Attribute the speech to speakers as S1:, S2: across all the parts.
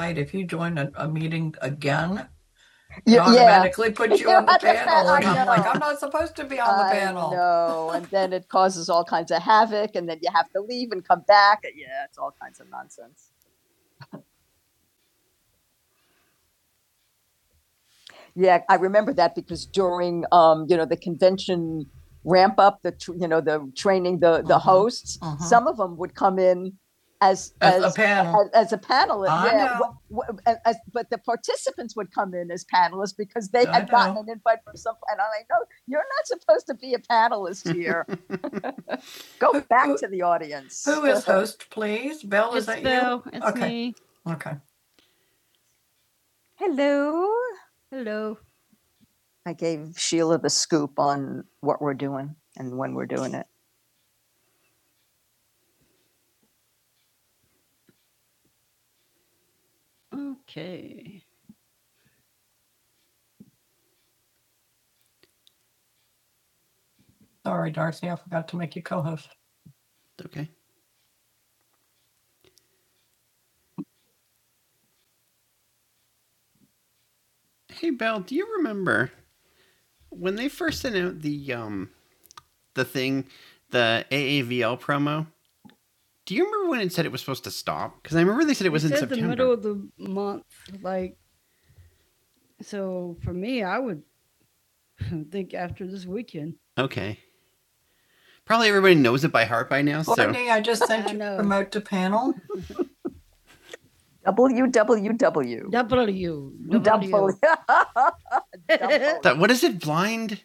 S1: Right, if you join a, a meeting again, it yeah. automatically puts you you on the panel. And I am like, I'm not supposed to be on the panel. No, And then it causes all kinds of havoc, and then you have to leave and come back. Yeah, it's all kinds of nonsense. Yeah, I remember that because during um, you know, the convention ramp up, the tr- you know, the training the the Mhm. hosts, Mhm. some of them would come in as As as a panel. as, as a panelist, I yeah, know. wh- wh- as- but the participants would come in as panelists because they I had know. gotten an invite from some. And I know you're not supposed to be a panelist here. Go back who, to the audience. Who is host, please? Bill? Okay. Hello. I gave Sheila the scoop on what we're doing and when we're doing it. Sorry, Darcy, I forgot to make you co-host. Hey Belle, do you remember when they first sent out the um the thing, the AAVL promo? Do you remember when it said it was supposed to stop? Because I remember they said Okay, probably everybody knows it by heart by now. Courtney, So I just sent out to panel. WWW. that, what is it? Blind?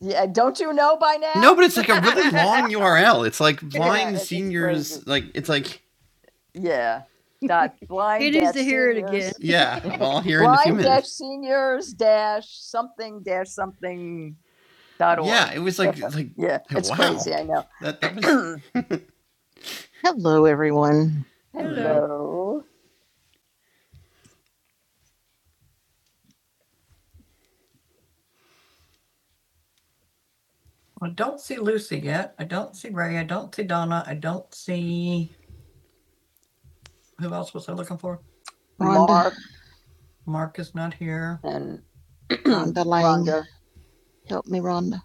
S1: yeah, don't you know by now? No, but it's like a really long URL. It's like blind it's seniors. Like it's like Yeah. Dot blind. Yeah, well, here in a few Blind dash seniors dash something dash something dot org. Yeah, it was like like Yeah, it's Wow. crazy, I know. that. That was Hello, everyone. Hello. Hello. I don't see Lucy yet. I don't see Ray. I don't see Donna. I don't see, who else was I looking for? Rhonda, Mark Mark is not here. and Rhonda Lang. Help me, Rhonda.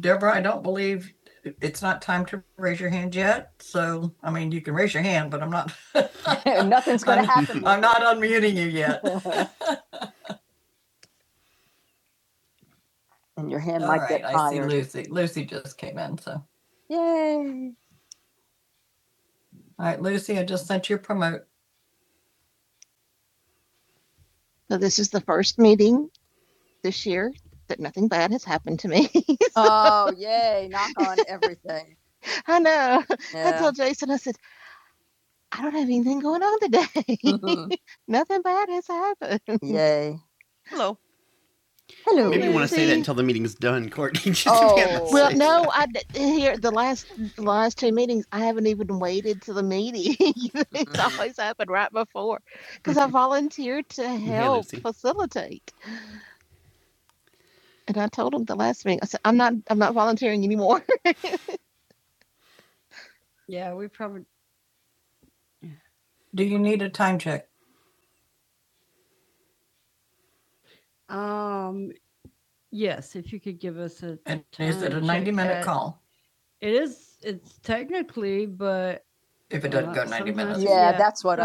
S1: Deborah, I don't believe it's not time to raise your hand yet. So, I mean, you can raise your hand, but I'm not. Nothing's going to happen. I'm not unmuting you yet. And your hand All might right, get tired. I see Lucy. Lucy just came in, so. Yay. All right, Lucy, I just sent you a promote. So this is the first meeting this year that nothing bad has happened to me. So. Oh, yay. Knock on everything. I know. Yeah. I Yeah. told Jason, I said, I don't have anything going on today. Nothing bad has happened. Yay. Hello. Maybe you want to say that until the meeting's done, Courtney. Just Oh. Well, no, I here the last last two meetings I haven't even waited to the meeting. it's always happened right before because I volunteered to help Lucy. facilitate, and I told them the last meeting I said I'm not I'm not volunteering anymore. Do you need a time check, Oh, Paul? That's what.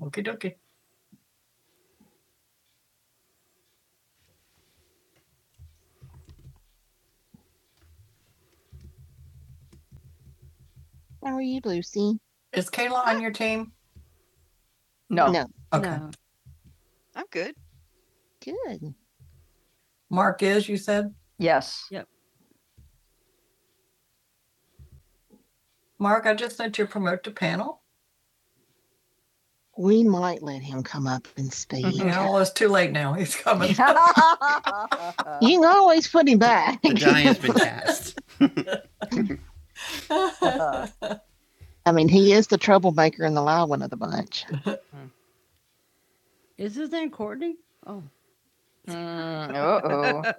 S1: Okay, dokie. How are you, Lucy? Is Kayla on your team? No. No, I'm good. Good. Mark is, you said? Yes. Mark, I just sent you a promote to panel. We might let him come up and speak. You know, well, it's too late now. He's coming. You can always put him back. The die has been cast. I mean, he is the troublemaker and the loud one of the bunch. Mm, uh-oh.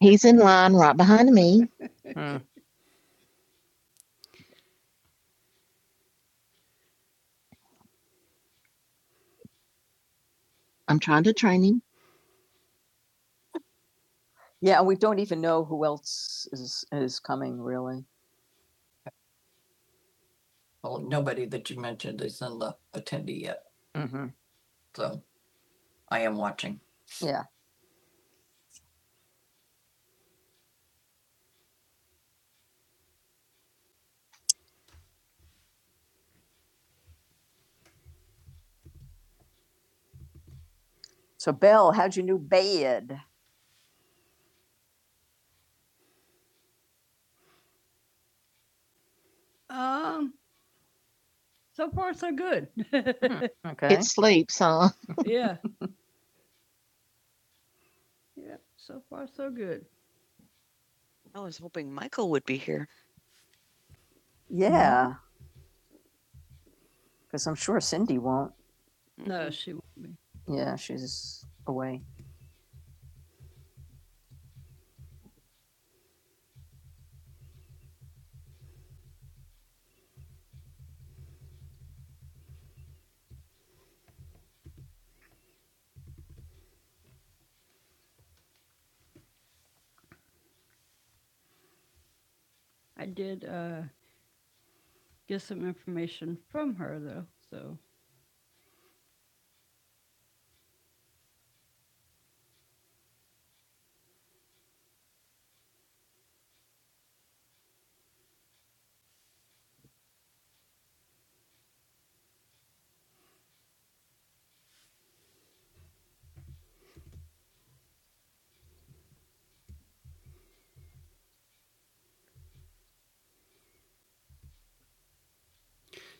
S1: He's in line right behind me. Hmm. I'm trying to train him. Yeah, we don't even know who else is is coming really. Well, nobody that you mentioned is in the attendee yet, hmm so I am watching. Yeah. So Belle, how'd you new bed? Okay. It sleeps, huh? Yeah. Because I'm sure Cindy won't. Yeah, she's away.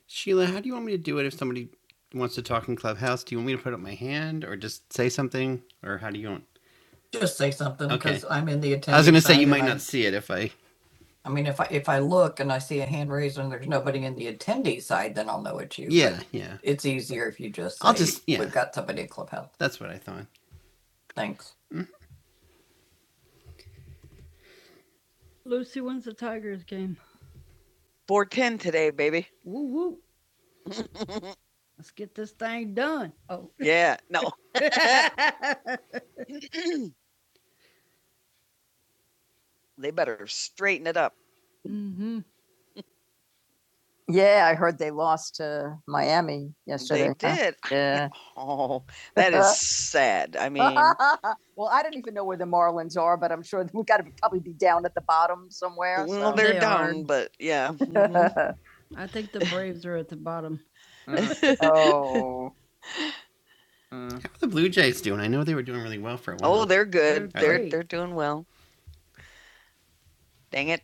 S1: Sheila, how do you want me to do it if somebody wants to talk in Clubhouse? Do you want me to put up my hand or just say something? Or how do you want? Just say something Okay. because okay. I'm in the attendee. I was going to say you might I- not see it if I I mean, if I, if I look and I see a hand raised and there's nobody in the attendee side, then I'll know it's you. Yeah, yeah. It's easier if you just say, I'll just- yeah. We've got somebody at Clubhouse. That's what I thought. Thanks. Yeah, no, they better straighten it up. Yeah, I heard they lost to uh, Miami They yesterday. huh? did. Huh? Yeah. Oh, that is, I mean, well, I don't even know where the Marlins are, but I'm sure we've got to probably be down at the bottom somewhere. so. bit, but yeah. oh, What are the Blue Jays doing? I know they were doing really well for a while. Oh, they're good. They're doing well. Dang it.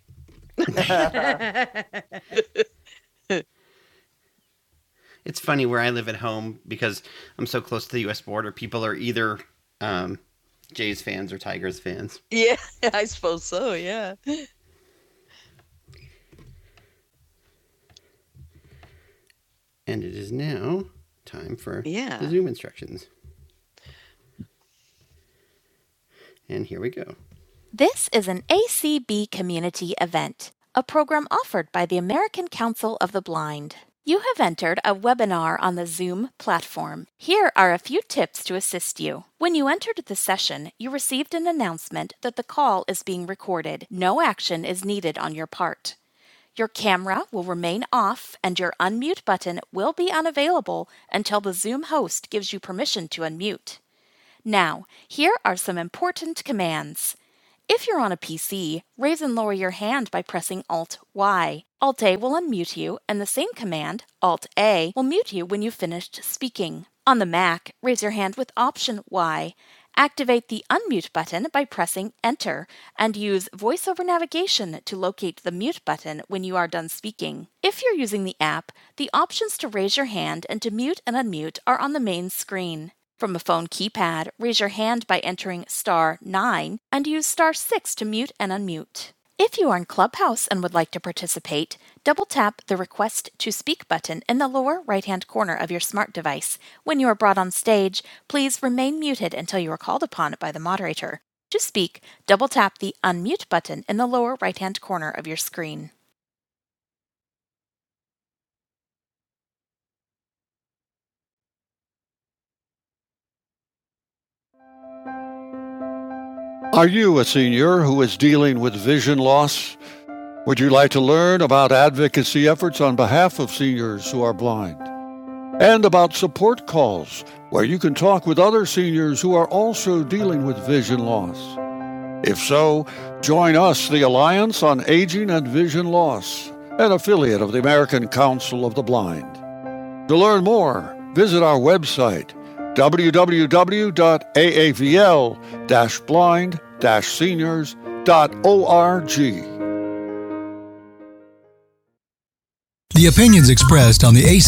S1: it's funny where I live at home because I'm so close to the U.S. border. People are either um, Jays fans or Tigers fans, Yeah, I suppose so. Yeah. and it is now time for Yeah. the Zoom instructions. And here we go. This is an ACB community event, a program offered by the American Council of the Blind. You have entered a webinar on the Zoom platform. Here are a few tips to assist you. When you entered the session, you received an announcement that the call is being recorded. No action is needed on your part. Your camera will remain off and your unmute button will be unavailable until the Zoom host gives you permission to unmute. Now, here are some important commands. If you're on a PC, raise and lower your hand by pressing Alt Y. Alt A will unmute you, and the same command, Alt A, will mute you when you've finished speaking. On the Mac, raise your hand with Option Y, Activate the unmute button by pressing Enter and use VoiceOver navigation to locate the mute button when you are done speaking. If you're using the app, the options to raise your hand and to mute and unmute are on the main screen. From a phone keypad, raise your hand by entering star 9 and use star 6 to mute and unmute. If you are in Clubhouse and would like to participate, double tap the Request to Speak button in the lower right hand corner of your smart device. When you are brought on stage, please remain muted until you are called upon by the moderator. To speak, double tap the Unmute button in the lower right hand corner of your screen. Are you a senior who is dealing with vision loss? Would you like to learn about advocacy efforts on behalf of seniors who are blind? and about support calls where you can talk with other seniors who are also dealing with vision loss. If so, join us, the Alliance on Aging and Vision Loss, an affiliate of the American Council of the Blind. To learn more, visit our website www.aavl blind seniors.org. The opinions on the AB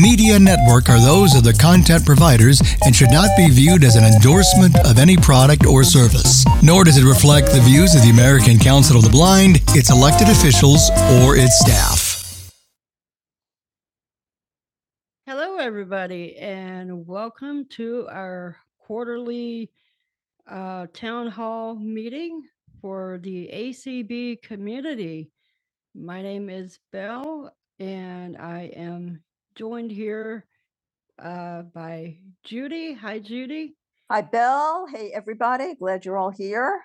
S1: Media Network are those of the cut providers, reviewed or no like the counseling Hi, Bill. Hey, everybody. Glad you're all here.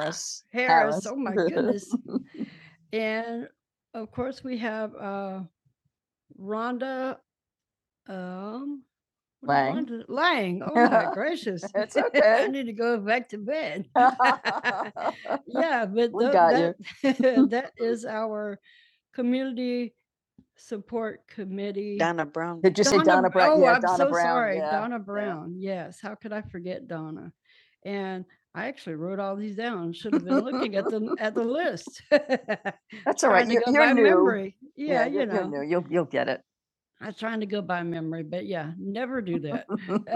S1: Yes, You'll, Brown. Just, you'll you'll get it.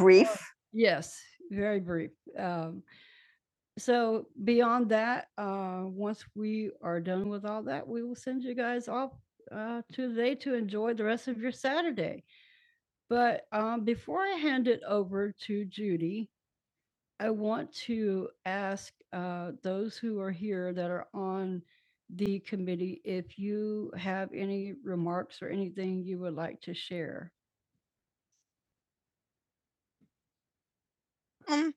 S1: Brief. Um,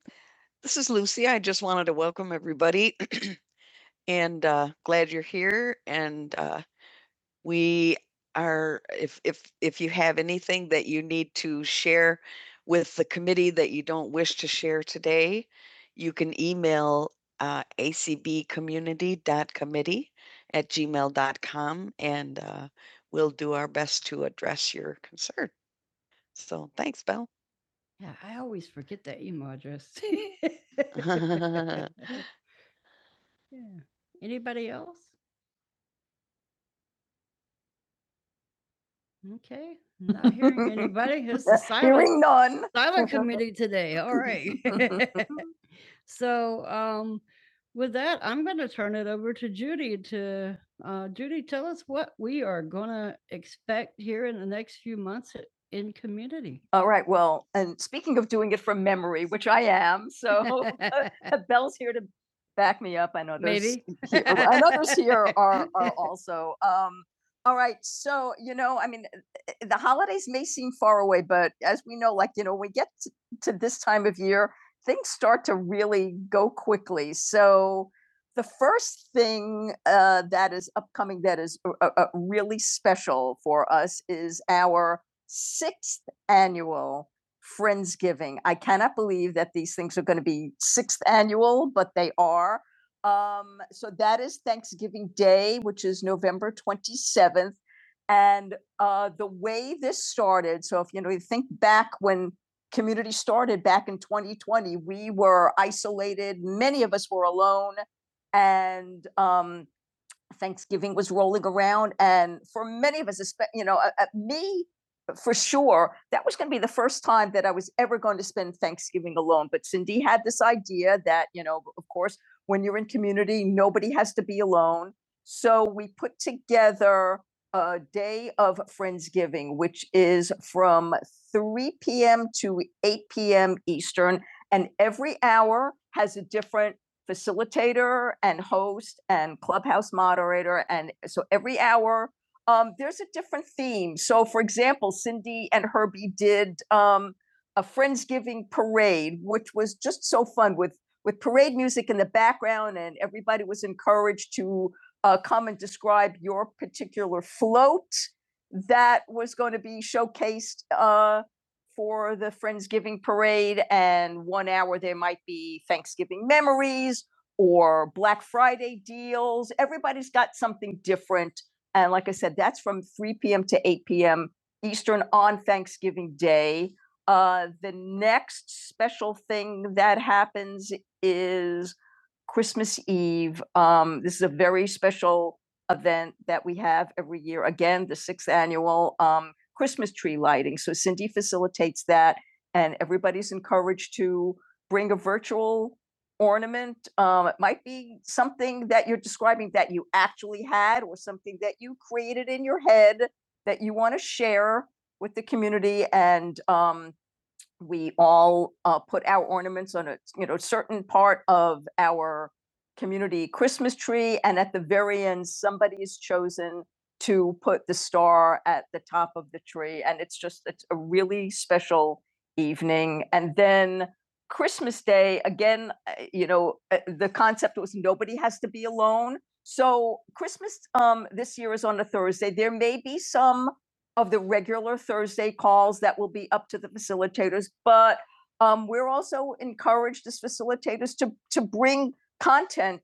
S1: this is Lucy. I just wanted to welcome everybody and uh, glad you're here. And uh, we are if if if you have anything that you need to share with the committee that you don't wish to share today, you can email uh, acbcommunity.committee at gmail.com and uh, we'll do our best to address your concern. So thanks, Belle. Done. All right. Well, and speaking of doing it from memory, which I am, so Belle's here to back me up. I know also. Um, all right. So, you know, I mean, eh, eh, the holidays may seem far away, but as we know, like, you know, we get to, to this time of year, things start to really go quickly. So, the first thing uh, that is upcoming that is uh, uh, really special for us is our sixth annual Friendsgiving. I cannot believe that these things are going to be sixth annual, but they are um, so that is Thanksgiving Day, which is November 27th. And uh, the way this started, so if you know, you think back when community started back in 2020, we were isolated. Many of us were alone, and um, Thanksgiving was rolling around, and for many of us, espe- you know, uh, uh, me for sure, that was going to be the first time that I was ever going to spend Thanksgiving alone. But Cindy had this idea that, you know, of course, when you're in community, nobody has to be alone. So we put together a day of Friendsgiving, which is from 3 p.m. to 8 p.m. Eastern. And every hour has a different facilitator and host and clubhouse moderator. And so every hour, um, there's a different theme. So for example, Cindy and Herbie did um, a Friendsgiving parade, which was just so fun with with parade music in the background, and everybody was encouraged to uh, come and describe your particular float that was going to be showcased uh, for the Friendsgiving parade and one hour there might be Thanksgiving memories or Black Friday deals. Everybody's got something different. And like I said, that's from 3 p.m. to 8 p.m. Eastern on Thanksgiving Day. Uh, the next special thing that happens is Christmas Eve. Um, this is a very special event that we have every year. Again, the sixth annual um, Christmas tree lighting. So Cindy facilitates that, and everybody's encouraged to bring a virtual ornament. Um, it might be something that you're describing that you actually had, or something that you created in your head that you want to share with the community. And um, we all uh, put our ornaments on a you know certain part of our community Christmas tree, and at the very end, somebody is chosen to put the star at the top of the tree, and it's just it's a really special evening. And then Christmas Day again, uh, you know, uh, the concept was nobody has to be alone. So Christmas um, this year is on a Thursday. There may be some of the regular Thursday calls that will be up to the facilitators. But um, we're also encouraged as facilitators to, to bring content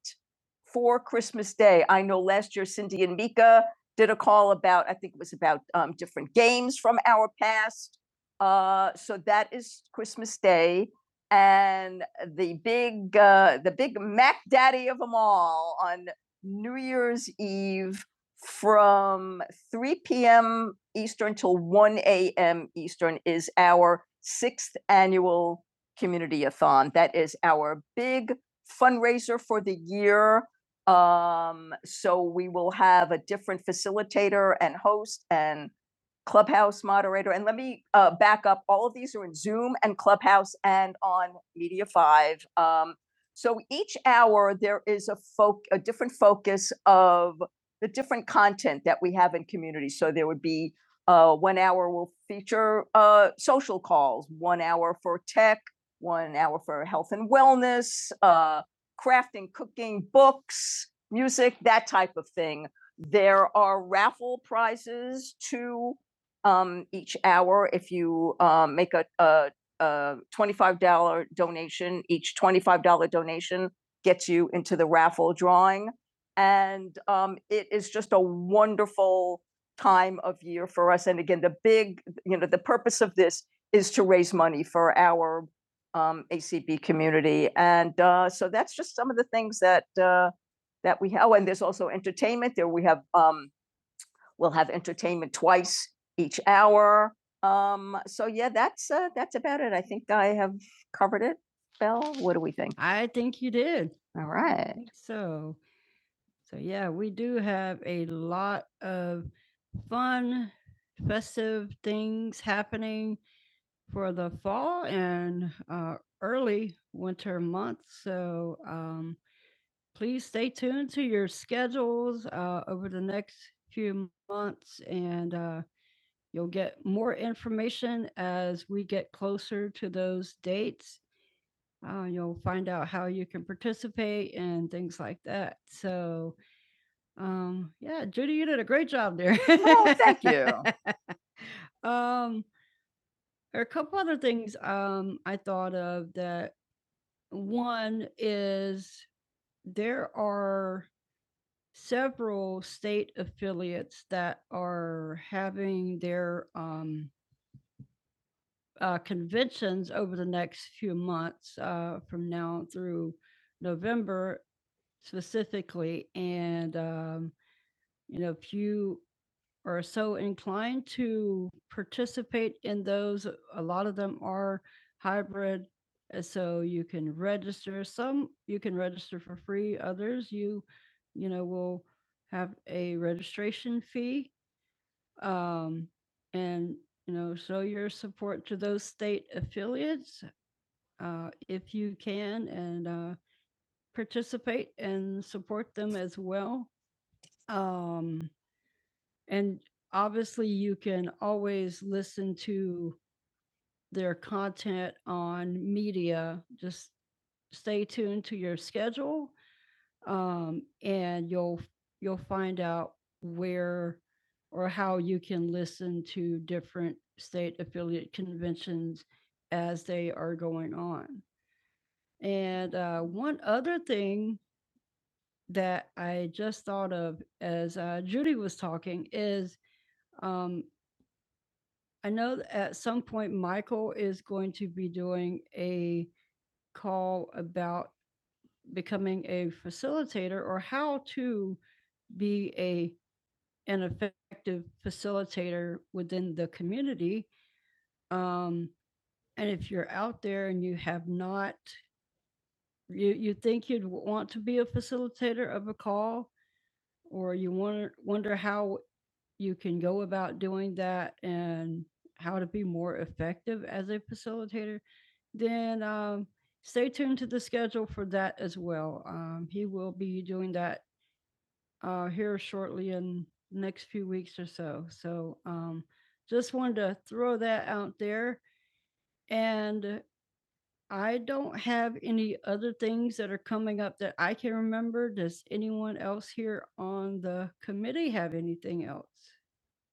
S1: for Christmas Day. I know last year Cindy and Mika did a call about, I think it was about um, different games from our past. Uh, so that is Christmas Day. And the big, uh, the big Mac Daddy of them all on New Year's Eve from three PM Eastern till one AM Eastern is our sixth annual community-a-thon. That is our big fundraiser for the year. Um, so we will have a different facilitator and host and clubhouse moderator. And let me, uh, back up. All of these are in Zoom and Clubhouse and on Media Five. Um, so each hour, there is a folk, a different focus of the different content that we have in community. So there would be uh, one hour will feature uh, social calls, one hour for tech, one hour for health and wellness, uh, crafting, cooking, books, music, that type of thing. There are raffle prizes to um, each hour. If you um, make a, a, a $25 donation, each $25 donation gets you into the raffle drawing. And um, it is just a wonderful time of year for us. And again, the big, you know, the purpose of this is to raise money for our um, ACB community. And uh, so that's just some of the things that uh, that we have. Oh, And there's also entertainment there. We have um, we'll have entertainment twice each hour. Um, so yeah, that's uh, that's about it. I think I have covered it. Belle, what do we think? All right.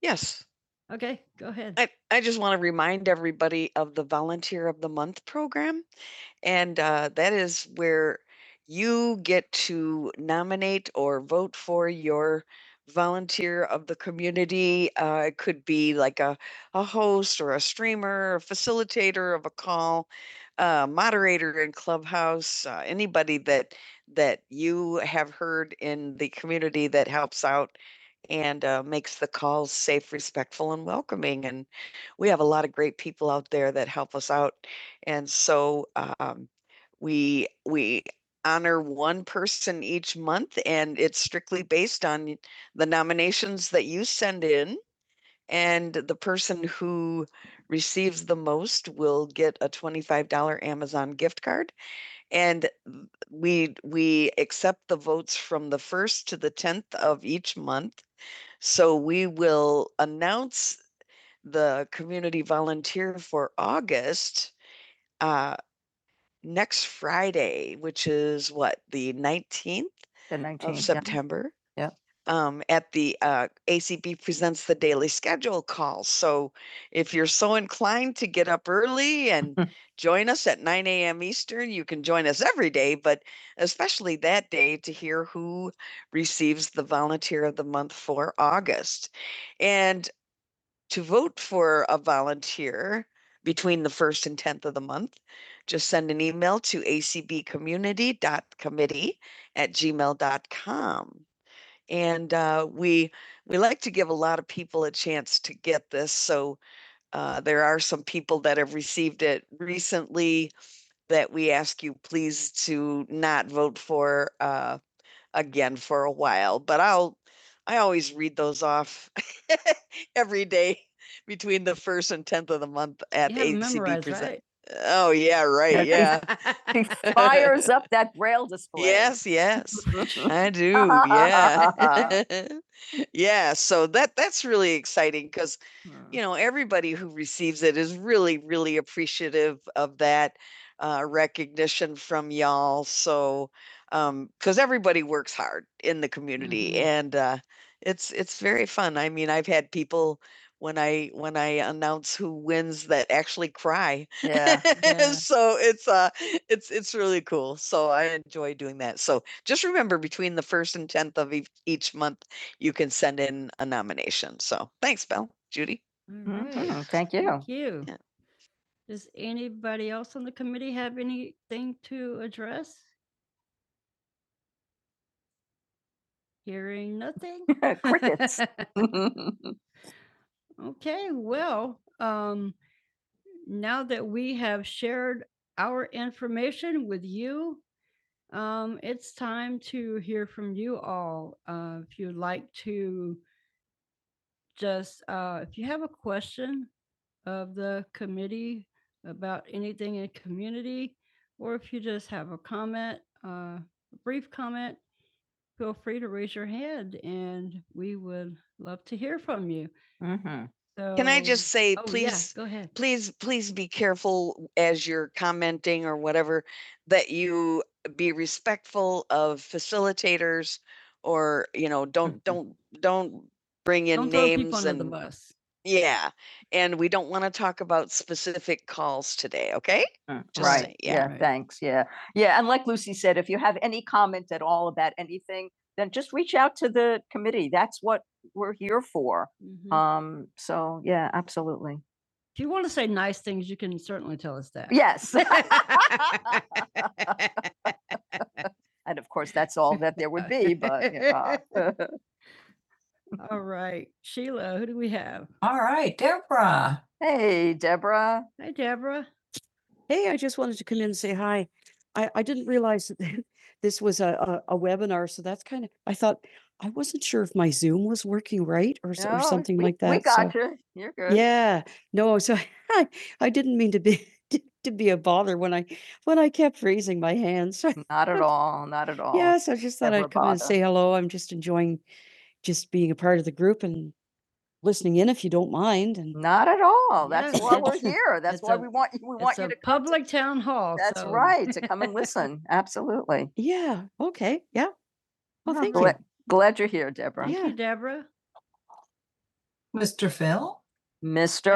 S1: Yes, I, I just want to remind everybody of the Volunteer of the Month program. And uh, that is where you get to nominate or vote for your volunteer of the community. Uh, it could be like a, a host or a streamer, a facilitator of a call, uh, moderator in Clubhouse, uh, anybody that that you have heard in the community that helps out and uh, makes the calls safe, respectful, and welcoming. And we have a lot of great people out there that help us out. And so um, we we honor one person each month and it's strictly based on the nominations that you send in and the person who receives the most will get a $25 Amazon gift card and we we accept the votes from the 1st to the 10th of each month so we will announce the community volunteer for August uh, next Friday, which is what, the 19th The nineteenth of 19th. yeah. September? Yep. Um, at the uh, ACB Presents the Daily Schedule call. So if you're so inclined to get up early and join us at 9 a.m. Eastern, you can join us every day, but especially that day to hear who receives the Volunteer of the Month for August. And to vote for a volunteer between the first and tenth of the month, just send an email to acbcommunity.committee at gmail dot com. And uh, we we like to give a lot of people a chance to get this. So uh, there are some people that have received it recently that we ask you please to not vote for. Uh, again for a while, but I'll I always read those off every day between the first and 10th of the month Oh, yeah, right. Yeah. he fires up that braille display. Yes, yes. I do. Yeah. yeah, so that that's really exciting cuz Hmm. you know, everybody who receives it is really really appreciative of that uh recognition from y'all. So um cuz everybody works hard in the community and uh, it's it's very fun. I mean, I've had people when I when I announce who wins that actually cry. Yeah, yeah. so it's uh it's it's really cool. So I enjoy doing that. So just remember between the first and 10th of each each month you can send in a nomination. So thanks Belle, Judy. Hmm, Thank hmm Say please please be careful as you're commenting or whatever that you be respectful of facilitators or you know don't don't don't bring in yeah and we don't want to talk about specific calls today okay Mm, mm, Thanks. Yeah. Yeah. And like Lucy said, if you have any comment at all about anything, then just reach out to the committee. That's what we're here for. Um, so yeah, absolutely. Yes. And of course, that's all that there All right, Deborah. Hey, Deborah. or, No, or something we- like that. We so- got so. you. You're good. Yeah. Not at all. Not at all. Yes, I just thought Deborah I'd come Bada. and say hello, listening in if you don't mind. And Not at all. Here, that want you to listen. Absolutely. yeah, okay, yeah. Well, Oh, thank Gla- you. Glad you're here, Deborah. Mr. Phil? Mr.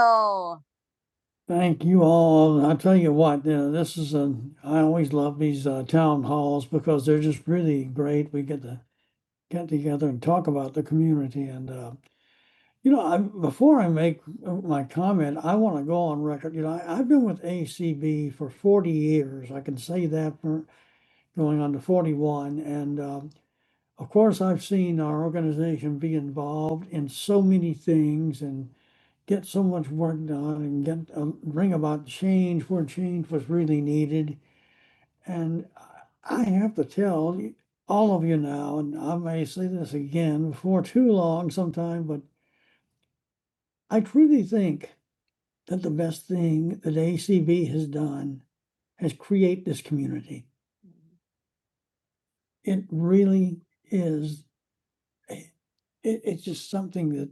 S1: Bill. Thank you. I'll tell you what, uh, this is a, I always love these, uh, town hall, really great. We get to together and talk about the community and uh, make uh, my comment, I want to go on record, you know, I, I've been with ACB for forty years. I can say that for going on to forty-one. Of course, I've seen our organization be involved in so many things and get so much work done and get, um, bring about change where change was really needed. And I have to tell all of you now, and I may say this again before too long sometime, but I truly think that the best thing that ACB has done to create this community. It really is, it, it's just something that,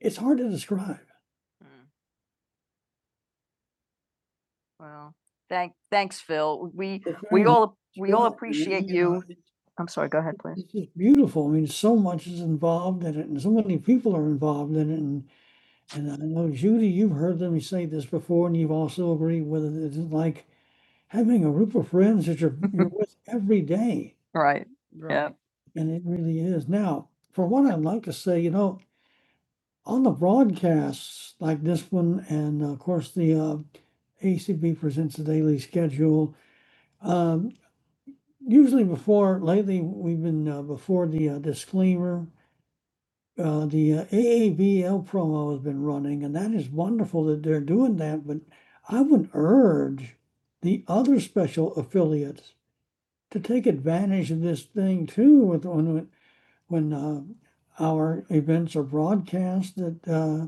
S1: it's hard to describe. Mm, Well, thank, thanks, Phil. We, we all, we all appreciate you I'm sorry, go ahead, please. Right. you Right, yeah. say, you know, on the broadcasts like this one, and of course the uh, we disclaimer AVL promo has been running, and that is wonderful that they're doing that. Or other special affiliates to take advantage of this thing too with when uh, that uh,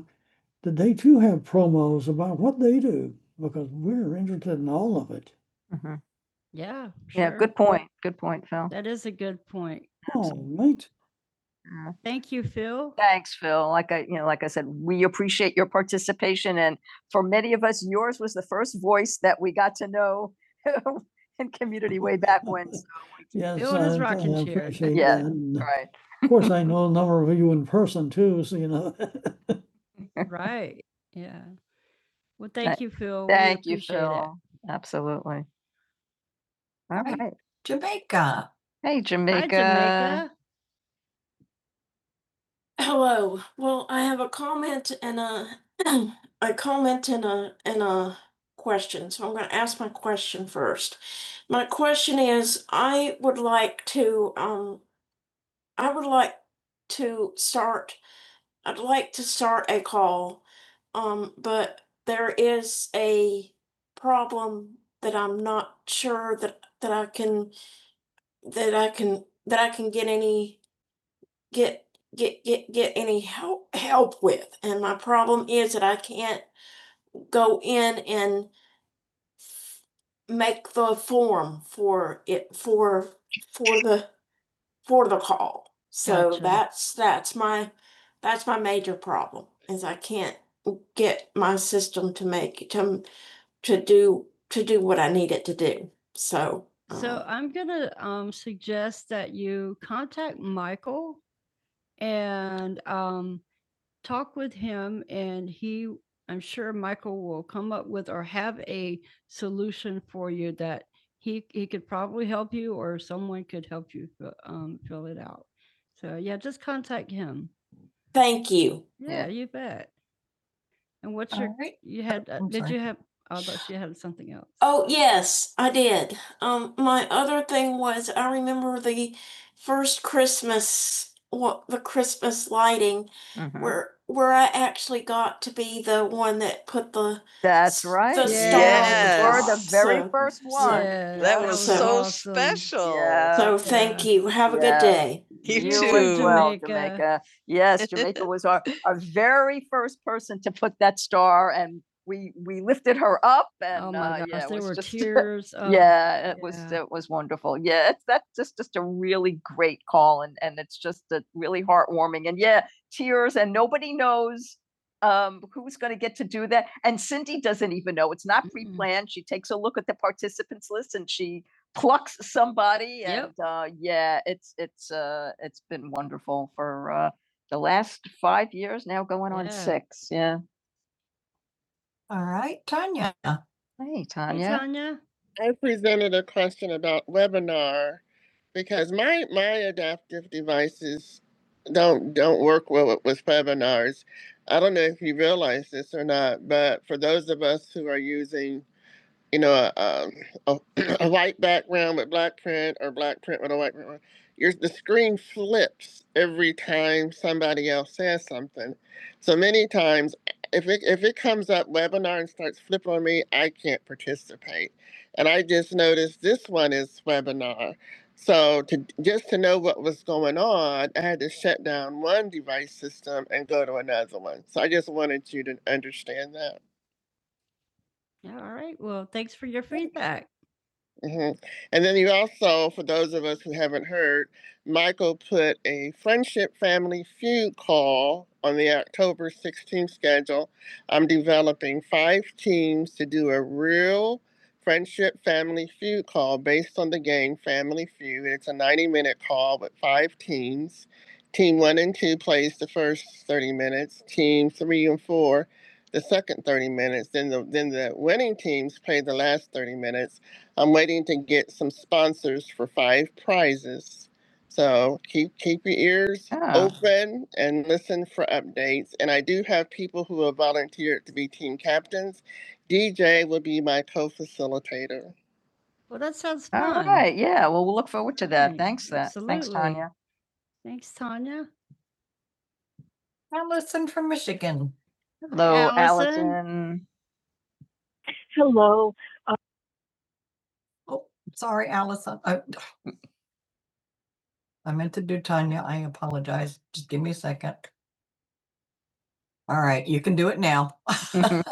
S1: that they too have promos about what they do because we're interested in all of it. Mhm. Point. Good point, Phil. Oh, Yeah. Thanks, Phil. Like I, you know, like I said, we appreciate your participation, and for many of us, yours was the first voice that we got to know in community way back when. So, yes, And right. Some of you in person too, so you know. Absolutely. All Right. right. Jamaica. Hey, Jamil. Hello, what and uh, a comment and a and a question. So I'm going to ask my question to um that I get go for the calls. That's my is I can't my system make to to do to do what I need it to do. So thank you. Great. Oh yes, I did. Um, my other thing was I remember the first Christmas what the Christmas lighting Mhm. where where I actually got to be the one that put the That's right. the Yes. star the very So- first one. So, Yeah. So you. Have a yeah. good day. Yeah. Yes, Jamaica was our, our very first person to put that star and we, we lifted her up and uh, it was wonderful. Yeah, it's, that's just, just a really great call and, and it's just a really heartwarming and yeah, tears and nobody knows um, who's going to get to do that. And Cindy doesn't even know. It's not planned. She takes a look at the participants list and she plucks somebody uh, yeah, it's it's uh, it's been wonderful for uh, the last five years now, going six. Yeah. All right, Tanya. Hey, Tanya. Right. And I just noticed this one is webinar. So to just to know what was going on, I had to shut down one device system and another one. So I just wanted to end that. Mhm. And then you also, for those of us who haven't heard, Michael put a friendship family feud call on the October 16th schedule. I'm developing Oh, and I do have people who have volunteered to be team captains. DJ will be my co-facilitator. yeah, well, we'll look forward to that. Allison from Michigan. And Oh, sorry, Allison. I, I meant to do Tanya. I apologize. Just give me a second. All right, you can do it now.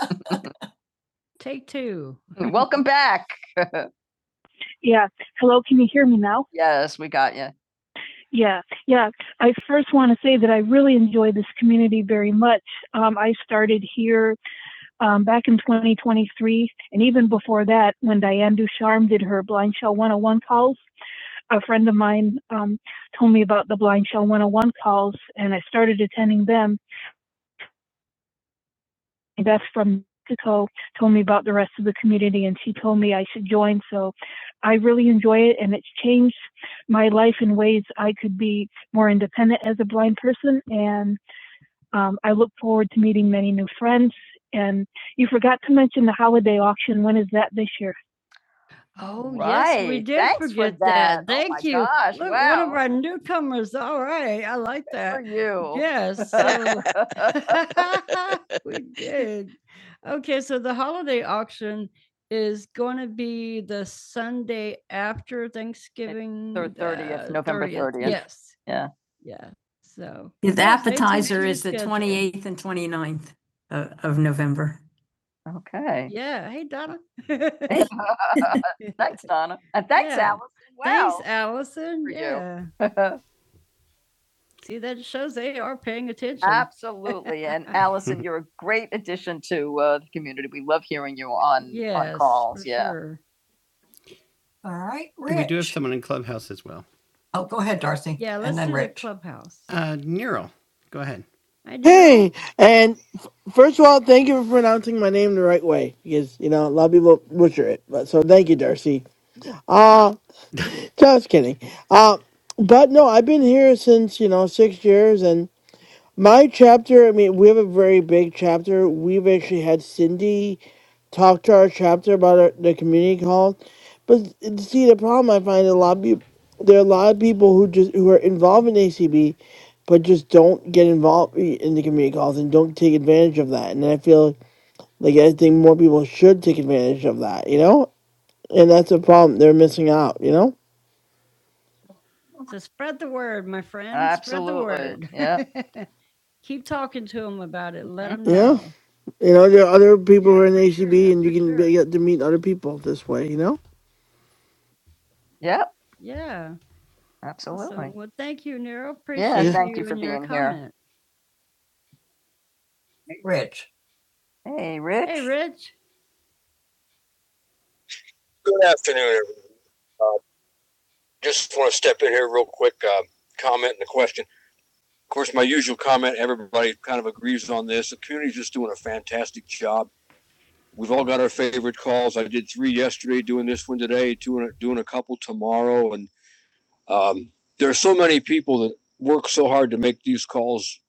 S1: welcome back. Yeah. Hello, can you hear me now? Yes, we got you. Yeah, yeah. I first want to say that I really enjoy this community very much. Um, I started here um, back in 2023, and even before that, when Diane Ducharme did her Blind Shell 101 calls, a friend of mine um, told me about the Blind Shell 101 calls, and I started attending them. Beth from Mexico told me about the rest of the community, and she told me I should join. So I really enjoy it, and it's changed my life in ways I could be more independent as a blind person. And um, I look forward to meeting many new friends. And you forgot to mention the holiday auction. When is that this year? You. Yeah, 8th and 29th of, of November. okay. Donna. And that- Absolutely. Allison, you're a great addition to uh, the community. We love hearing you on. All right, Rich. We do have someone in Clubhouse as well. Oh, go ahead, Darcy. Uh, Neural, go ahead.
S2: Hey, and f- first of all, thank you for pronouncing my name the right way because you know a lot of people butcher it. But so thank you, Darcy. Uh just kidding. Uh, but no, I've been here since you know six years, my chapter, I mean, we have a very big chapter. We've actually had Cindy talk to our chapter about our, the community calls. But see, the problem I find a lot of people, there are a lot of people who just who are involved in ACB, but just don't get involved in the community calls and don't take advantage of that. And I feel like I think more people should take advantage of that, you know. And that's a problem; they're missing out, you know.
S1: Yep,
S2: Yeah, you know, there are other people who are in ACB, and you can get to meet other people this way, you know.
S1: yep, absolutely.
S2: Yeah.
S1: Rich. Hey, Rich. Good afternoon. Just want to step in here real quick, uh, comment and a question. Of course, my usual comment, everybody kind of agrees on this. The community's just doing a fantastic job. We've all got our favorite calls. I did three yesterday, doing this one today, doing, doing a couple tomorrow. And um, there are so many people that work so hard to make these calls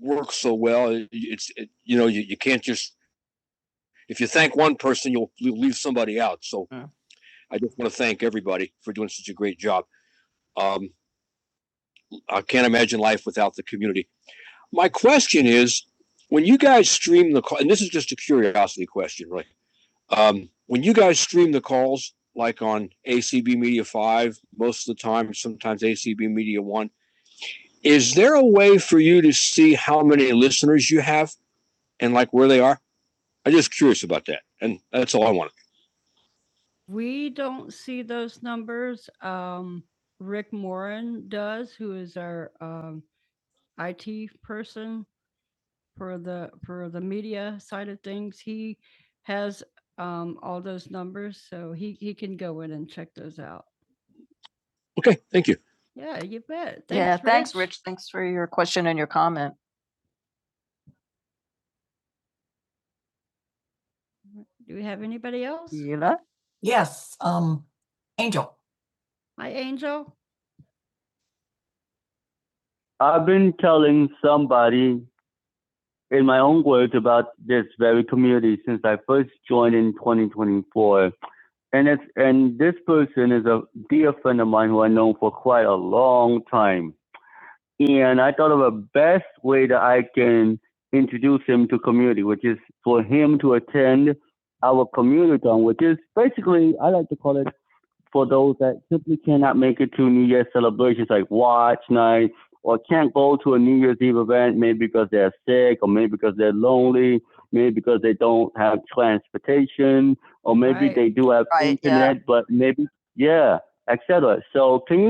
S1: work so well. It's, it, you know, you, you can't just, if you thank one person, you'll, you'll leave somebody out. So I just want to thank everybody for doing such a great job. Um, I can't imagine life without the community. My question is when you guys stream the call, and this is just a curiosity question, right? Um, when you guys stream the calls, like on ACB Media 5, most of the time, sometimes ACB Media 1, is there a way for you to see how many listeners you have and like are? I'm just curious about that. And that's all I wanted. Okay. Thank you. Thanks for your question and your comment. Yula? Yes, um, Angel. calling somebody for a okay because they're sick or maybe maybe they don't have transportation or may do have Right, yeah. internet yeah. but maybe yeah etc so things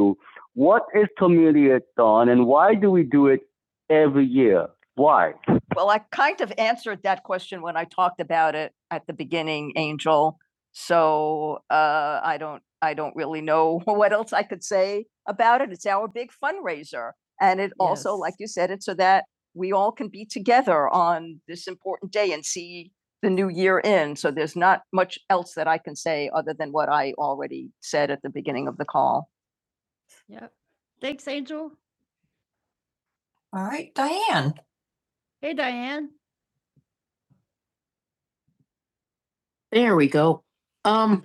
S1: do. What is Thon and why do it every year? Why? Well, I kind of answered that question when I talked about it at the beginning, Angel. So uh, I don't, I don't really know what else I could say about it. It's our big fundraiser, and it yes. also, Yes. like you said, it's so that we all can be together on this important day and see the new year in. So there's not much else that I can say other than what I already said at the beginning of the call. All right, Diane. There we go. Um,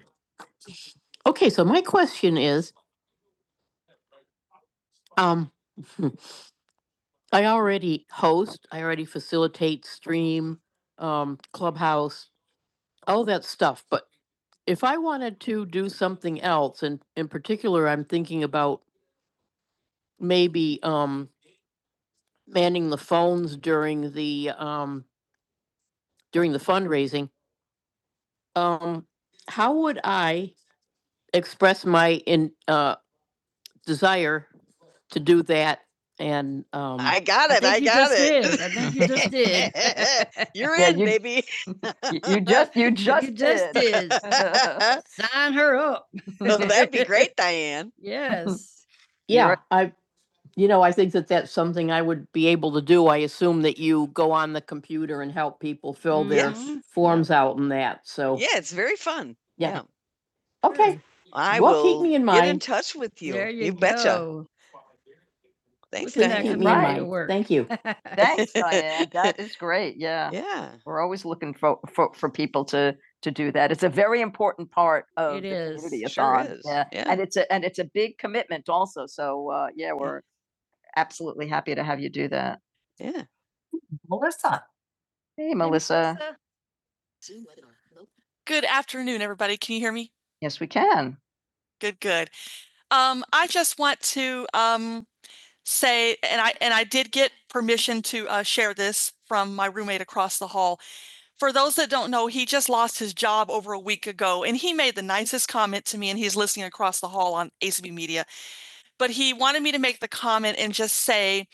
S1: okay, so my question is, um, I already host, I already facilitate stream, um, clubhouse, all that stuff, but if I wanted to do something else, and in particular, I'm thinking about maybe, um, manning the phones during the, um, during the fundraising, um, how would I express my in, uh, desire to do that and, um? I got You're maybe. Y- you- Right, Diane. I, you know, I think that that's something I would be able to. Yeah, it's very fun. Yeah. yeah. I Well, will keep me in mind. Get in touch with Thank- Thanks, Diane. That is great. Yeah. Yeah. We're always looking for, for, for people to to do that. It's a very important part of the Sure bond. is, Yeah. yeah. And it's a and it's a big commitment also. So uh, yeah, we're yeah. absolutely happy to have you do that. Yeah. Melissa. Hey, Mo- Good afternoon, everybody. Can you hear me? yes, we can. Good, good. Um, I just want to um say, and I and I did get permission to uh, share this from my roommate across the hall. For those that don't know, he just lost his job over a week ago, and he made the nicest comment to me, and he's listening across the hall on ACB Media. But he wanted me to make the comment and just say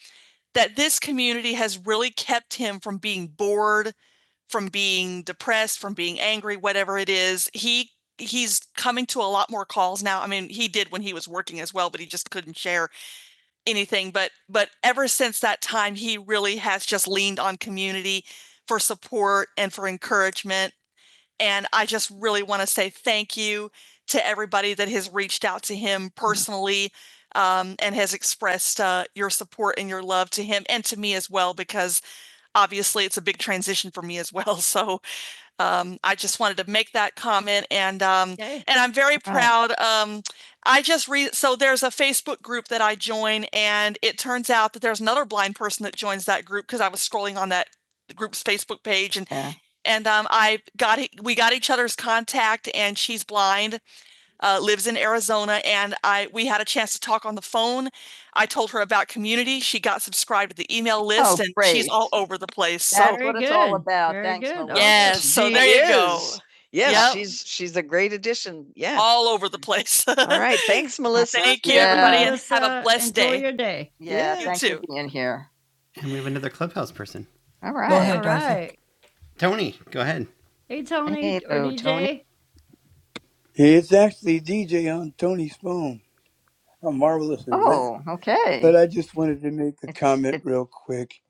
S1: that this community has really kept him from being bored from being depressed, from being angry, whatever it is. He he's coming to a lot more calls now. I mean, he did when he was working as well, but he just couldn't share anything. But but ever since that time, he really has just leaned on community for support and for encouragement. And I just really want to say thank you to everybody that has reached out to him personally um, and has expressed uh, your support and your love to him and to me as well, because obviously it's a big transition for me as well. So um, I just wanted to make that comment and um, and I'm very Wow. proud. Um, I just read so there's a Facebook group that I join and it turns out that there's another blind person that joins that group because I was scrolling on that group's Facebook page and Yeah. and um, I got e- we got each other's contact and she's blind, uh, lives in Arizona and I we had a chance to talk on the phone. I told her about community. She got subscribed to the email list oh, and great. she's all over the place. So She there you go. is. go. Yes, Yep. she's she's a great addition. Yeah. All over the place. All right. Thanks, Melissa. Thank you. Yeah, Yeah. yeah, thank You for being here. And we have another clubhouse person. All right. Tony, go ahead.
S3: It's actually DJ on Tony's phone. How marvelous is that?
S1: Oh,
S3: But
S1: okay.
S3: I just wanted to make a
S1: It's
S3: comment
S1: it's
S3: real quick.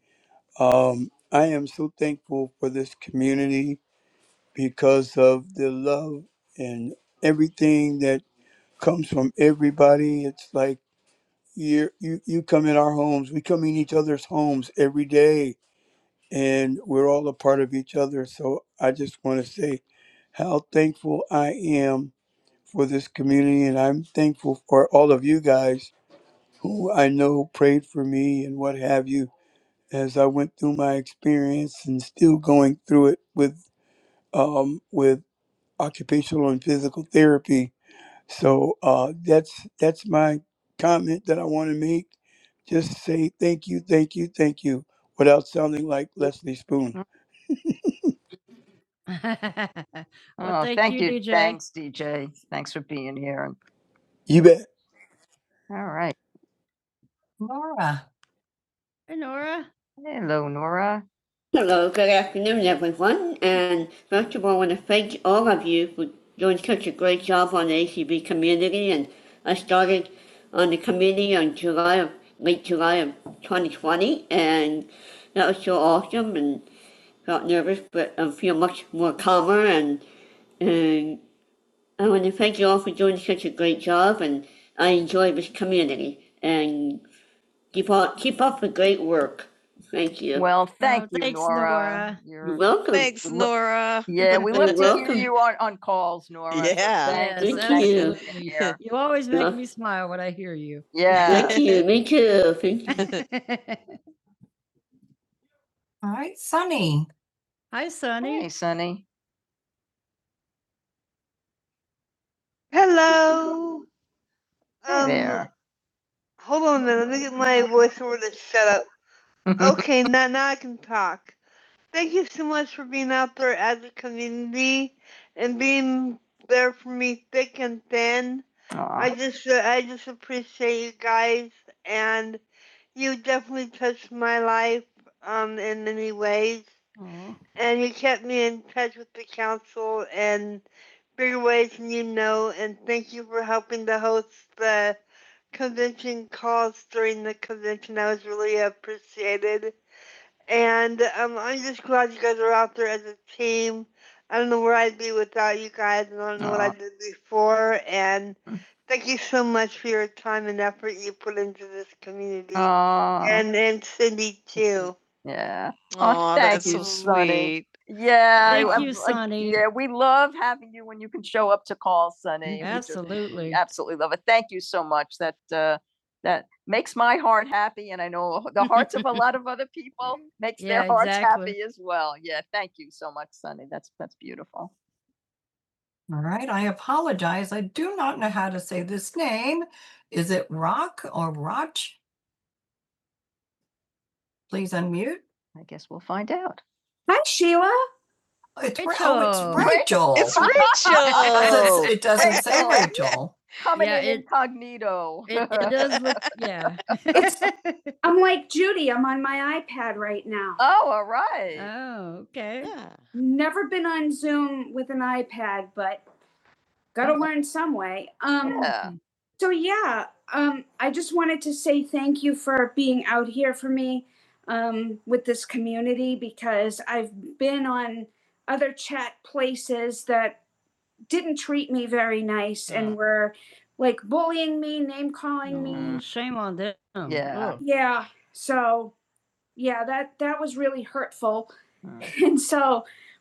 S3: Um, I am so thankful for this community because of the love and everything that comes from everybody. It's like you you you come in our homes, we come in each other's homes every day, and we're all a part of each other. So I just want to say how thankful I am for this community, and I'm thankful for all of you guys who I know prayed for me and what have you as I went through my experience and still going through it with um, with occupational and physical therapy. So uh, that's that's my comment that I want to make. Just say thank you, thank you, thank you, without sounding like Leslie Spoon.
S1: Thanks, DJ. Thanks for being here.
S3: You bet.
S1: All right. Nora. Hello, Nora. Great job on ASD on July of late July and that was so awesome and got nervous but uh, much more calm and I want to thank you all for doing such a good Well, You're welcome. Thanks, Laura. yeah, we love to hear you on, on calls, Nora. Yeah. Yeah, yeah. All right, Sunny. Sunny. Oh, Um, There. like, okay, thank you so much for being out there as a community, being there for me thick and thin. Aww. I Aw, just, uh, I just appreciate you guys, and you definitely touched my life, um, in many ways, and you kept me in touch with the council and your ways and you know, and thank you for helping the host. Appreciated. And um, I'm just glad you guys are out there as a team. I don't know where I'd be without you guys, and I don't know Aww. what I did before. And thank you so much for your time and effort you put into this community. Aw, and and Cindy too. yeah. Oh, thank that's you, so you, Sonny. Yeah, we love having you when you can show up to call, Sonny. Absolutely love it. Thank you so much. That, uh, that makes my heart happy and I know the hearts of a lot of other people make me as well. Yeah, thank you so much, Sunny. That's, that's beautiful. All right, I apologize. I do not know how to say this name. Is it Rock or Roch? Please unmute. I guess we'll find out. It's Rachel. It's Rachel. It doesn't- Rachel. It doesn't say Rachel. Rachel. Cognito. I'm like Judy. I'm on my iPad right now. Oh, all right. Yeah. Never been on Zoom with an iPad, but gotta learn some way. Um, Yeah. So yeah, um, I just wanted to say thank you for being out here for me um, with this community because I've been on other chat places that didn't treat me very nice yeah. and were like bullying me, name calling. Oh. Yeah. So yeah, that that was really hurtful. And so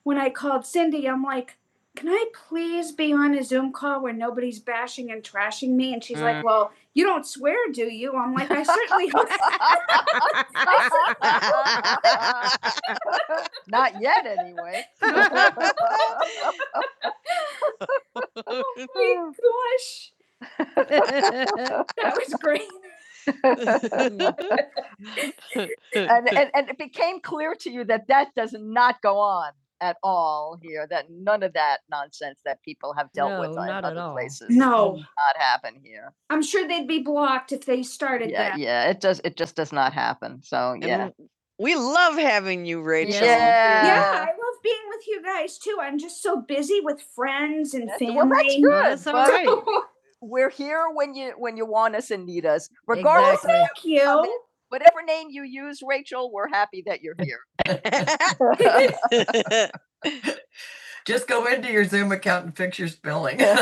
S1: when I called Cindy, I'm like, can I please be on a Zoom call where nobody's bashing and trashing me? And she's mm. like, well, you don't swear, do you? I'm like, I certainly Not yet, anyway. Oh my God, that was great. and, and, and it became clear to you that that does not go on at all here, that none of that nonsense that people have This No, does Not happen here. I'm sure they'd be, they started Yeah, that. yeah, it does, it just does not happen. So, yeah. w- We love having you, Rachel. Yeah, yeah, I love being with you guys too. I'm just so busy with friends and That's- well, family. Well, We're here when you, when you want us and need us. We're- Thank you. Whatever name you use, Rachel, we're happy that you're here. Just go into your Zoom account and fix your spelling.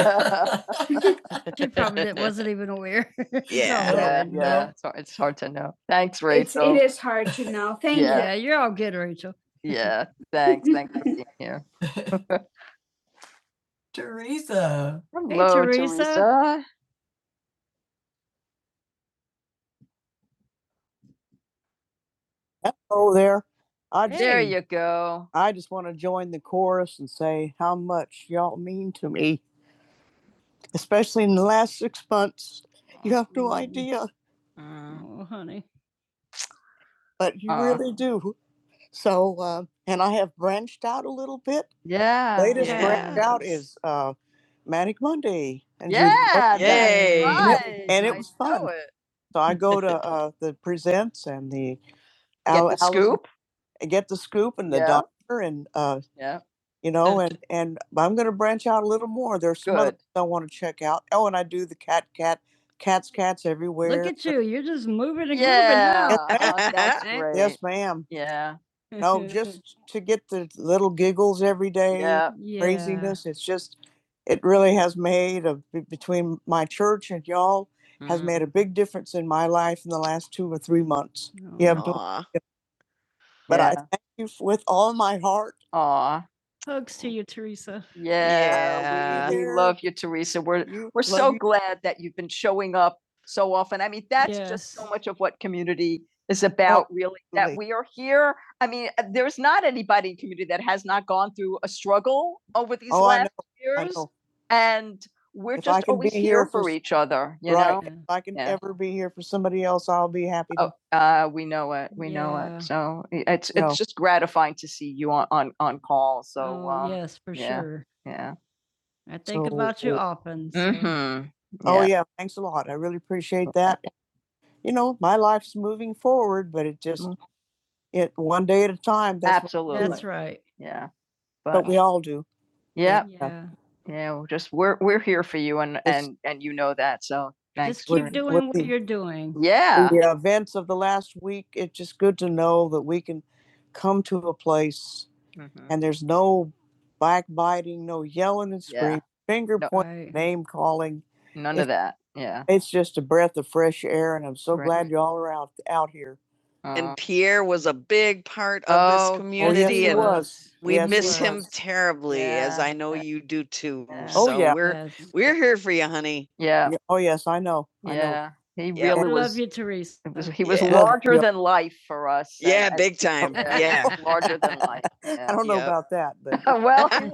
S1: It's it's hard to know. Thanks, Rachel. Yeah, thanks. Thanks for being here. Teresa. Uh, I There you go. I- Yeah, yeah, Mm, but you Uh. really do. So, uh, and I have branched out a little bit. Yeah. Latest yeah. branched out is uh, Manic Monday. And Yeah, that's Yay. right. And it was know fun. it. So I go to uh, the presents and the Al- the Alice scoop? Al- and the Yeah. Doc, Yeah. you know, and there's some other Good. things I want to check out. Oh, and I do the cat, cat, cats, cats everywhere. uh Yes, ma'am. Yeah. To get the little giggles every day. Yeah. It's just, it really has made a, between my church and y'all mm-hmm. has mhm, made a big difference in my life in the last two or three months. Aw. But yeah. I yeah. yeah. Yeah. We, we love you, Teresa. We're we're love so you. glad that you've been showing up so often. I mean, that much of what community is about oh, really that absolutely. we are here. I mean, uh, there's not anybody in community that has not gone through a struggle over these Oh, last years. And we're If just always here here for for each other, you Right. If I can Yeah. ever be here for somebody else, I'll be happy to. Oh, uh, we know it. So i- it's No. it's just gratifying to see you on on on call. So yeah. Hmm. Yeah. Oh Yeah. yeah, thanks a lot. I really appreciate that. You know, my life's moving forward, but it just Mhm. it one day at a time. That's what- Absolutely. What- Yeah. but but we all do. Yeah, yeah. we're Just we're we're here for you, and and and you know that. So yeah, The events of the last week, it's just good to know that we can come to a place Mhm. and there's no backbiting, no yelling and Yeah. screaming, yeah. finger No. name calling. None It's- of that. Yeah. It's just a breath of fresh air, and I'm so Right. glad y'all are out out here. Uh, And Pierre was a big part of Oh, this yes, oh, yes, community he and was. we Yes, miss him was. terribly, yeah. as Yeah, I know yeah. you do too. Yeah. So Oh, So yeah. we're we're here for you, honey. yeah. Yeah, I know. Yeah. know. He Yeah. really was he was Yeah. larger Yeah. than life for us. Yeah, and big time. I yeah. don't know Yep. about that, but well, he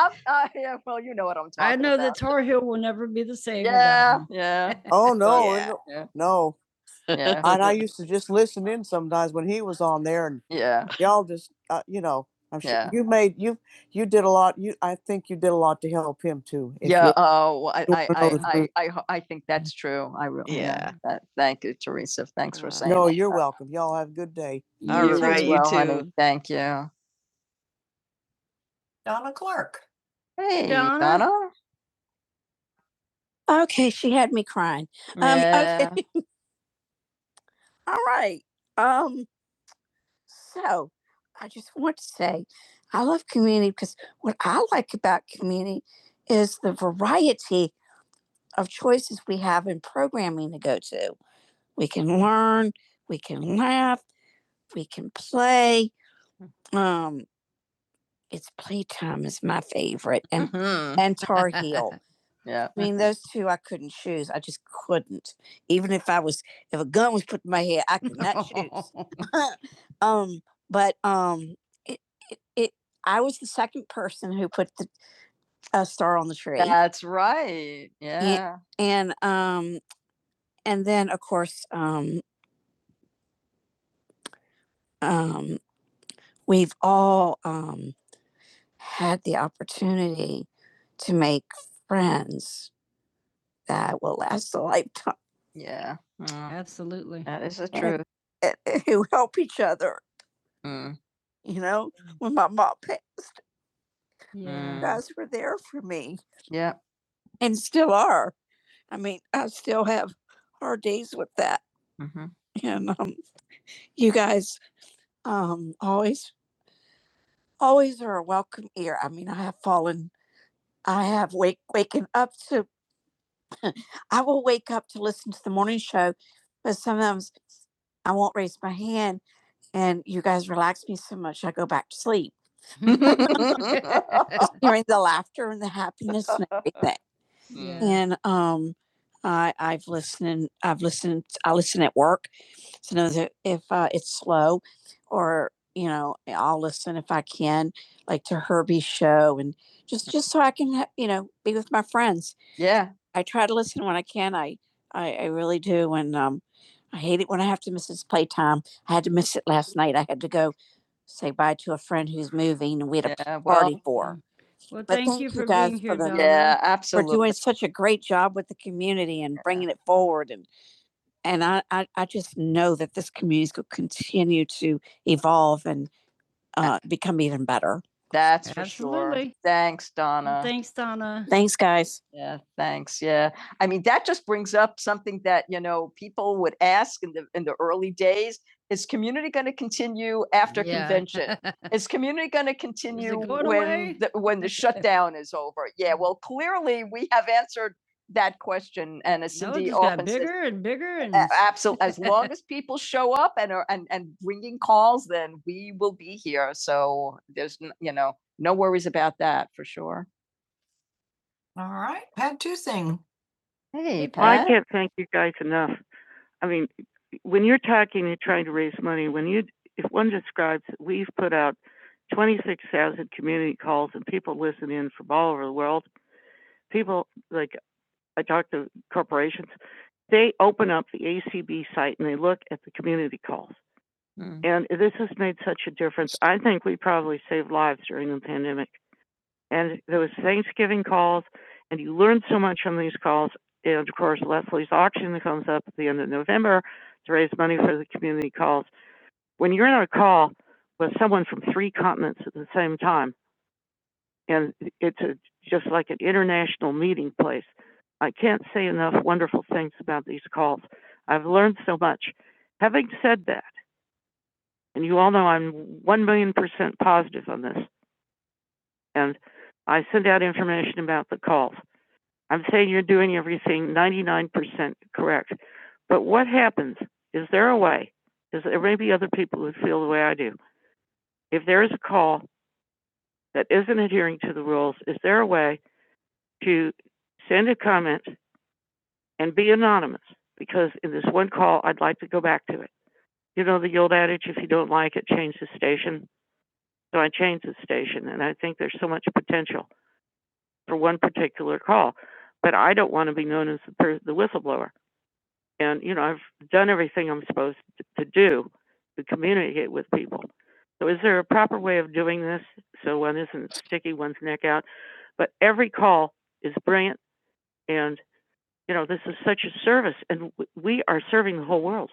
S1: I'm- uh, yeah, well, you know what I'm about. Yeah. oh no, yeah. no, yeah. no. Yeah. and I used to just listen in sometimes when he was on there, and Yeah. y'all just know. I'm sure Yeah. you. you Yeah. Oh, I, I, I, I, I, I think that's true. I really, Yeah. that- thank you, Teresa. Thanks Uh, for saying No, you're that. welcome. Y'all have a good day. You You too, honey. Thank you. Donna Clark. Hey. Oh. Um, yeah. okay. yeah. Mhm. and- yeah. I mean, those nut shoots, but um, who put a star on the tree? That's right. Yeah. Yeah. yeah. Mm, That is the truth. Mm. guys. Yeah. I mean, I have issues with that. hmm And always are a welcome ear. I mean, I have fallen, I have wake waking up to. I will wake up to listen to the morning show, and you guys are just yeah. I try to listen when I can. I, I really do go say bye to a f- we had a Yeah, well, party for for Absolutely. for doing a job with and bringing it forward. And, and I, I, I just know that this community is going to continue to evolve, uh, become even better. That's thanks, Don. Thanks, guys. Yeah, thanks. Yeah. I mean, that just brings up something that, you know, people would ask in the in the early days, is community going to continue after is community going to continue th- when down is over? Yeah, well, clearly we have answered that question and as absolutely as people show up and are and and bringing calls then we will be here. So there's you know, no worries about that for sure. All right, Pat Tusing. Hey, Pat. Well, I can't thank you enough. I mean, when you're talking and trying to raise money, when you if one describes, we've put out 26,000 community calls and people listen in from all over the world. People, like I talk to corporations, they open up the ACB site and they look at the community calls. And this has made such a difference. I think we probably saved lives during the pandemic. And there was Thanksgiving calls, and you learn so much on these calls. And of course, Leslie's auction that comes up at the end of November to raise money for the community calls when you're on a call with someone from three continents at the same time, and it's a, just like an international meeting place. I can't say enough wonderful things about these calls. I've learned so much. Having said that, and you all know I'm 1 million percent positive on this, and I send out information at the calls. I'm saying you're doing everything 99% correct. But what happens? Is there a way? Is there may be other people who try to? If there is a call that isn't adhering to the rules, is there a way to send a comment and be anonymous because in this one call, I'd like to go back to it. You know the old adage, if you don't like it, change the station. So I changed this, and I think there's so much potential for one particular call. But I don't want to be known as the, per- the whistleblower. And, you know, I've done everything I was to do to communicate with people. So is there a proper way of doing this so one isn't sticking one's neck out? But every call is brilliant, and You know, this is such a service and w- we are serving the whole world.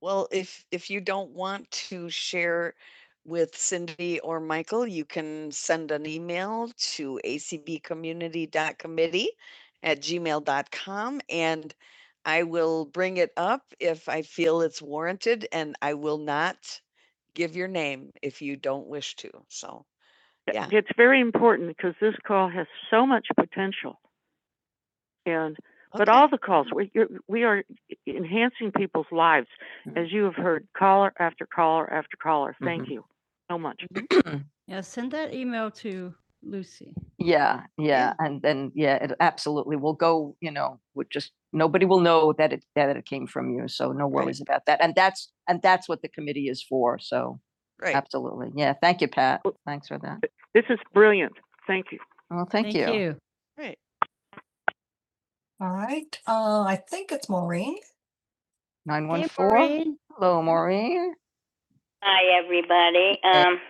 S1: Well, if if you don't want to share with Cindy or Michael, you can send an email to acbcommunity.committee at gmail.com and I will bring it up if I feel it's warranted and I will not give your name if you don't wish to. So, yeah. It's very important because this call has so much potential. And but Okay. all the calls, we you're, we are enhancing people's lives, Mhm. as you have heard, caller after caller after caller. Mhm. Thank mm-hmm. you so much. Yeah, yeah, and then yeah, it absolutely will go. You know, with just nobody will know that it that it came from you, so no Right. worries right. about that. And that's and that's what the committee is for. So Right. absolutely, yeah. Thank you, Pat. Well- Thanks for that. This is brilliant. Thank you. Well, thank Right. All right, uh, I think it's Maureen. nine. Hello, Maureen. Hi, everybody. Um,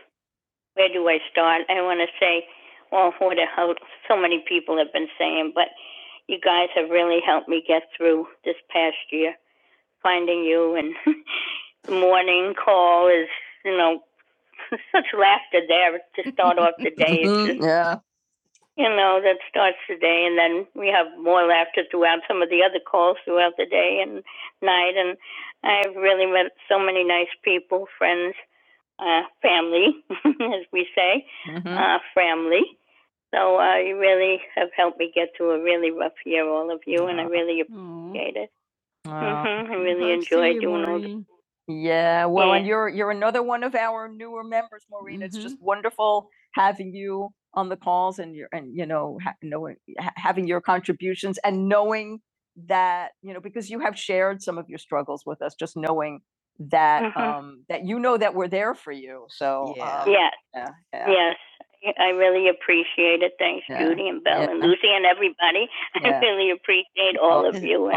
S1: where do I start? I want to say, well, what a help so many people have been saying, but you guys have really helped me get through this past year. Finding you and the morning call is, you know, such laughter there to off the day. It's just, Yeah. you know, that starts the day, and then we have more laughter throughout some of the other calls throughout the day and night. And I've really met so many nice people, friends, uh, family, as we say, Mhm. uh, family. So uh, you really have helped me get through a really rough year, all of you, and I really. Wow. Mhm. Yeah, well, yeah. and Yeah. you're you're another one of our newer members, just wonderful having you on the calls and your, and you know, ha- knowing, ha- having your contributions and knowing that, you know, because you have shared some of your struggles with us, just knowing that, Mhm. um, that you know that we're there for you. So, Yeah. um, Yes, yeah, yeah. yes. I really appreciate it. Thanks, Yeah, Judy and Belle yeah. and Lucy and everybody. Yeah. I Yeah. really appreciate all Oh, of you. And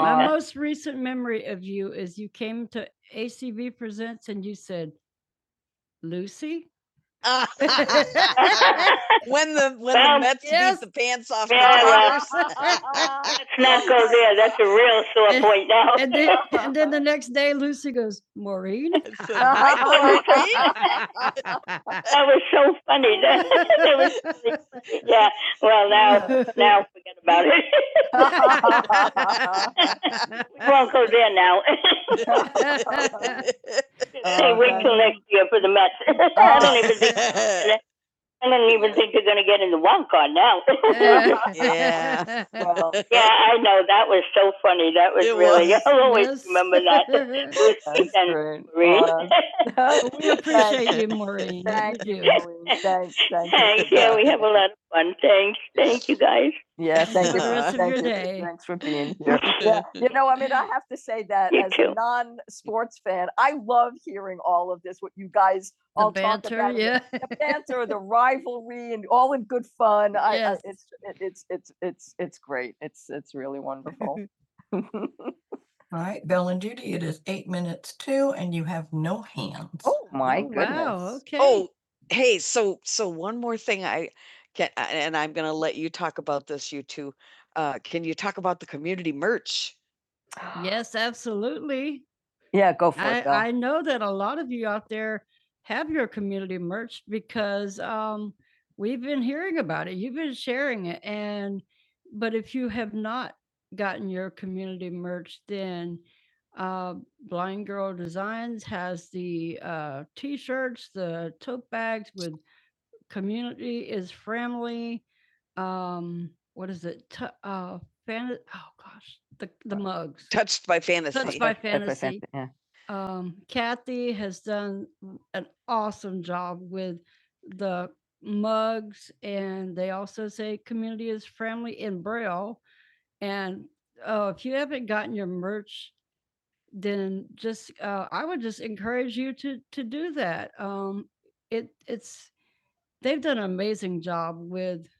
S1: when the when um, the Um, Mets yes. beat the pants off Yeah, well. the Brewers. Well, Let's not go there. That's a real sore now. was so funny. about it. now, say wait till next year for the Mets. I don't even think I don't even think they're going to get in the wild card now. Well, Yeah, I know. That was so funny. That was It really. It was that's Well, We appreciate Thanks, thank Thanks. Yeah, we have a lot. of- Thank you, guys. Yes, thanks for being here. Yeah, you know, I mean, I have to say that You as too. a non-sports fan, I love hearing all of this. What you guys answer the rivalry, and all in good fun. I, it's it, it's it's it's it's great. It's it's really wonderful. All right, Bell and Judy, it is eight minutes to, and you have no hands. Oh my. Hey, so so one more thing I can and I'm going to let you talk about this you two. Uh can you talk about the community merch Yeah, go. f- touched by fantasy? Yeah,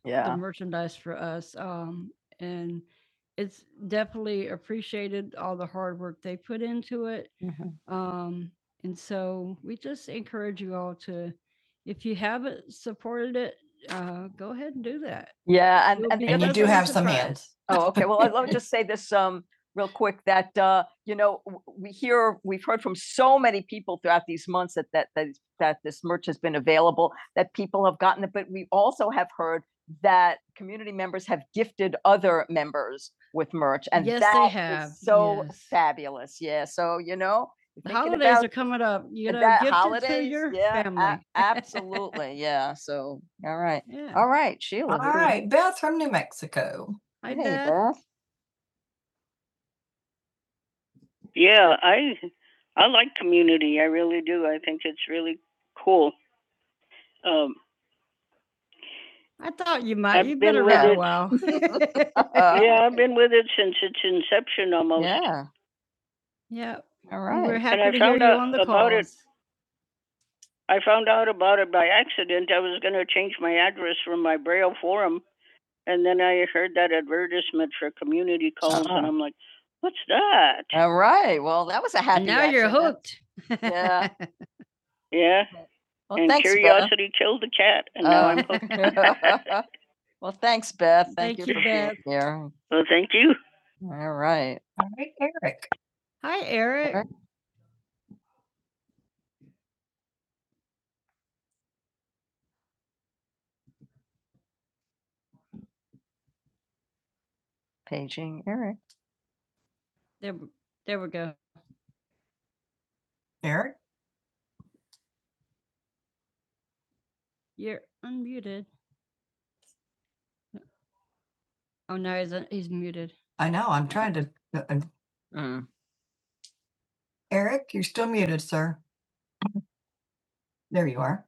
S1: Yeah, yeah. Oh, okay. Well, let me just say this um, real quick that, uh, you know, w- we hear, we've heard from so many people throughout these months that, that, that, that this merch has been available, that people have gotten it, but we also have heard that community members have gifted other members with merch. Fabulous. Yeah. So, you know, like, yeah. So, all right. All right, Sheila. All right, Beth from New Mexico. Bertha? Yeah, Yeah. All calls. four All right. Well, that was a. Yeah. Well, and thanks, Beth. curiosity Beth. killed the cat. well, thanks, Beth. Yeah. well, thank you. All right. All right, Eric. Paging Eric. Eric, I know, I'm trying to, uh, uh, Mm. Eric, you're still muted, sir. There you are.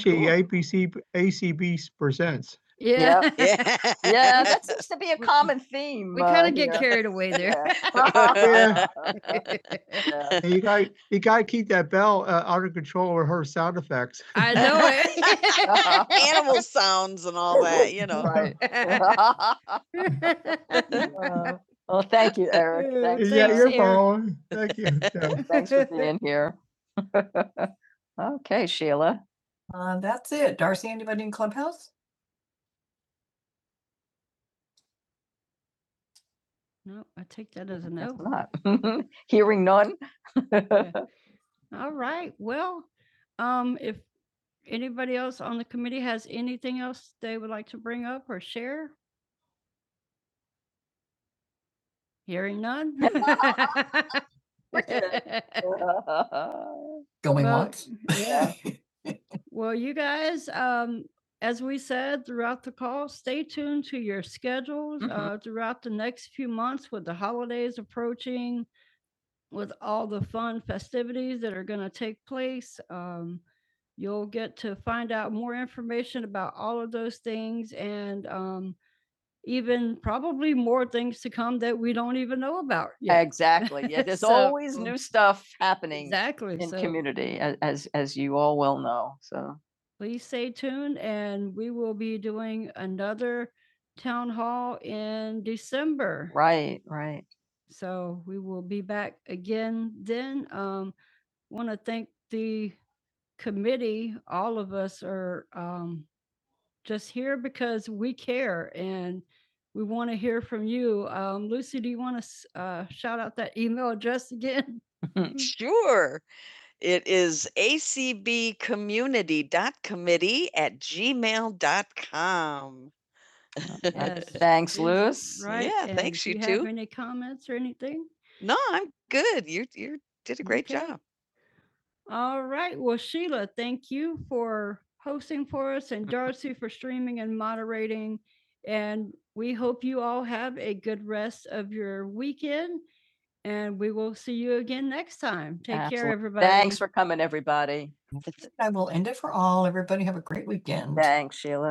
S1: Yeah, that seems to be a common theme. Yeah. Yeah. you got you got to keep that bell uh, out of control with her sound effect. Animal sounds and all that, you Oh, Well, thank you, Eric. Thanks- fine. Thank you. Yeah. Thanks for being here. Okay, Sheila. Uh, that's it. Darcy, anybody in Clubhouse? Ah, Hearing none. Going. Yeah. New Stuff happening the community, as, as you all well know. So, right, right. Sure. It is acbcommunity.committee at gmail dot com. Thanks No, I'm good. You you did a great Okay. job. for coming, everybody. That's it. I will end it for all. Everybody have a great weekend. Thanks, Sheila.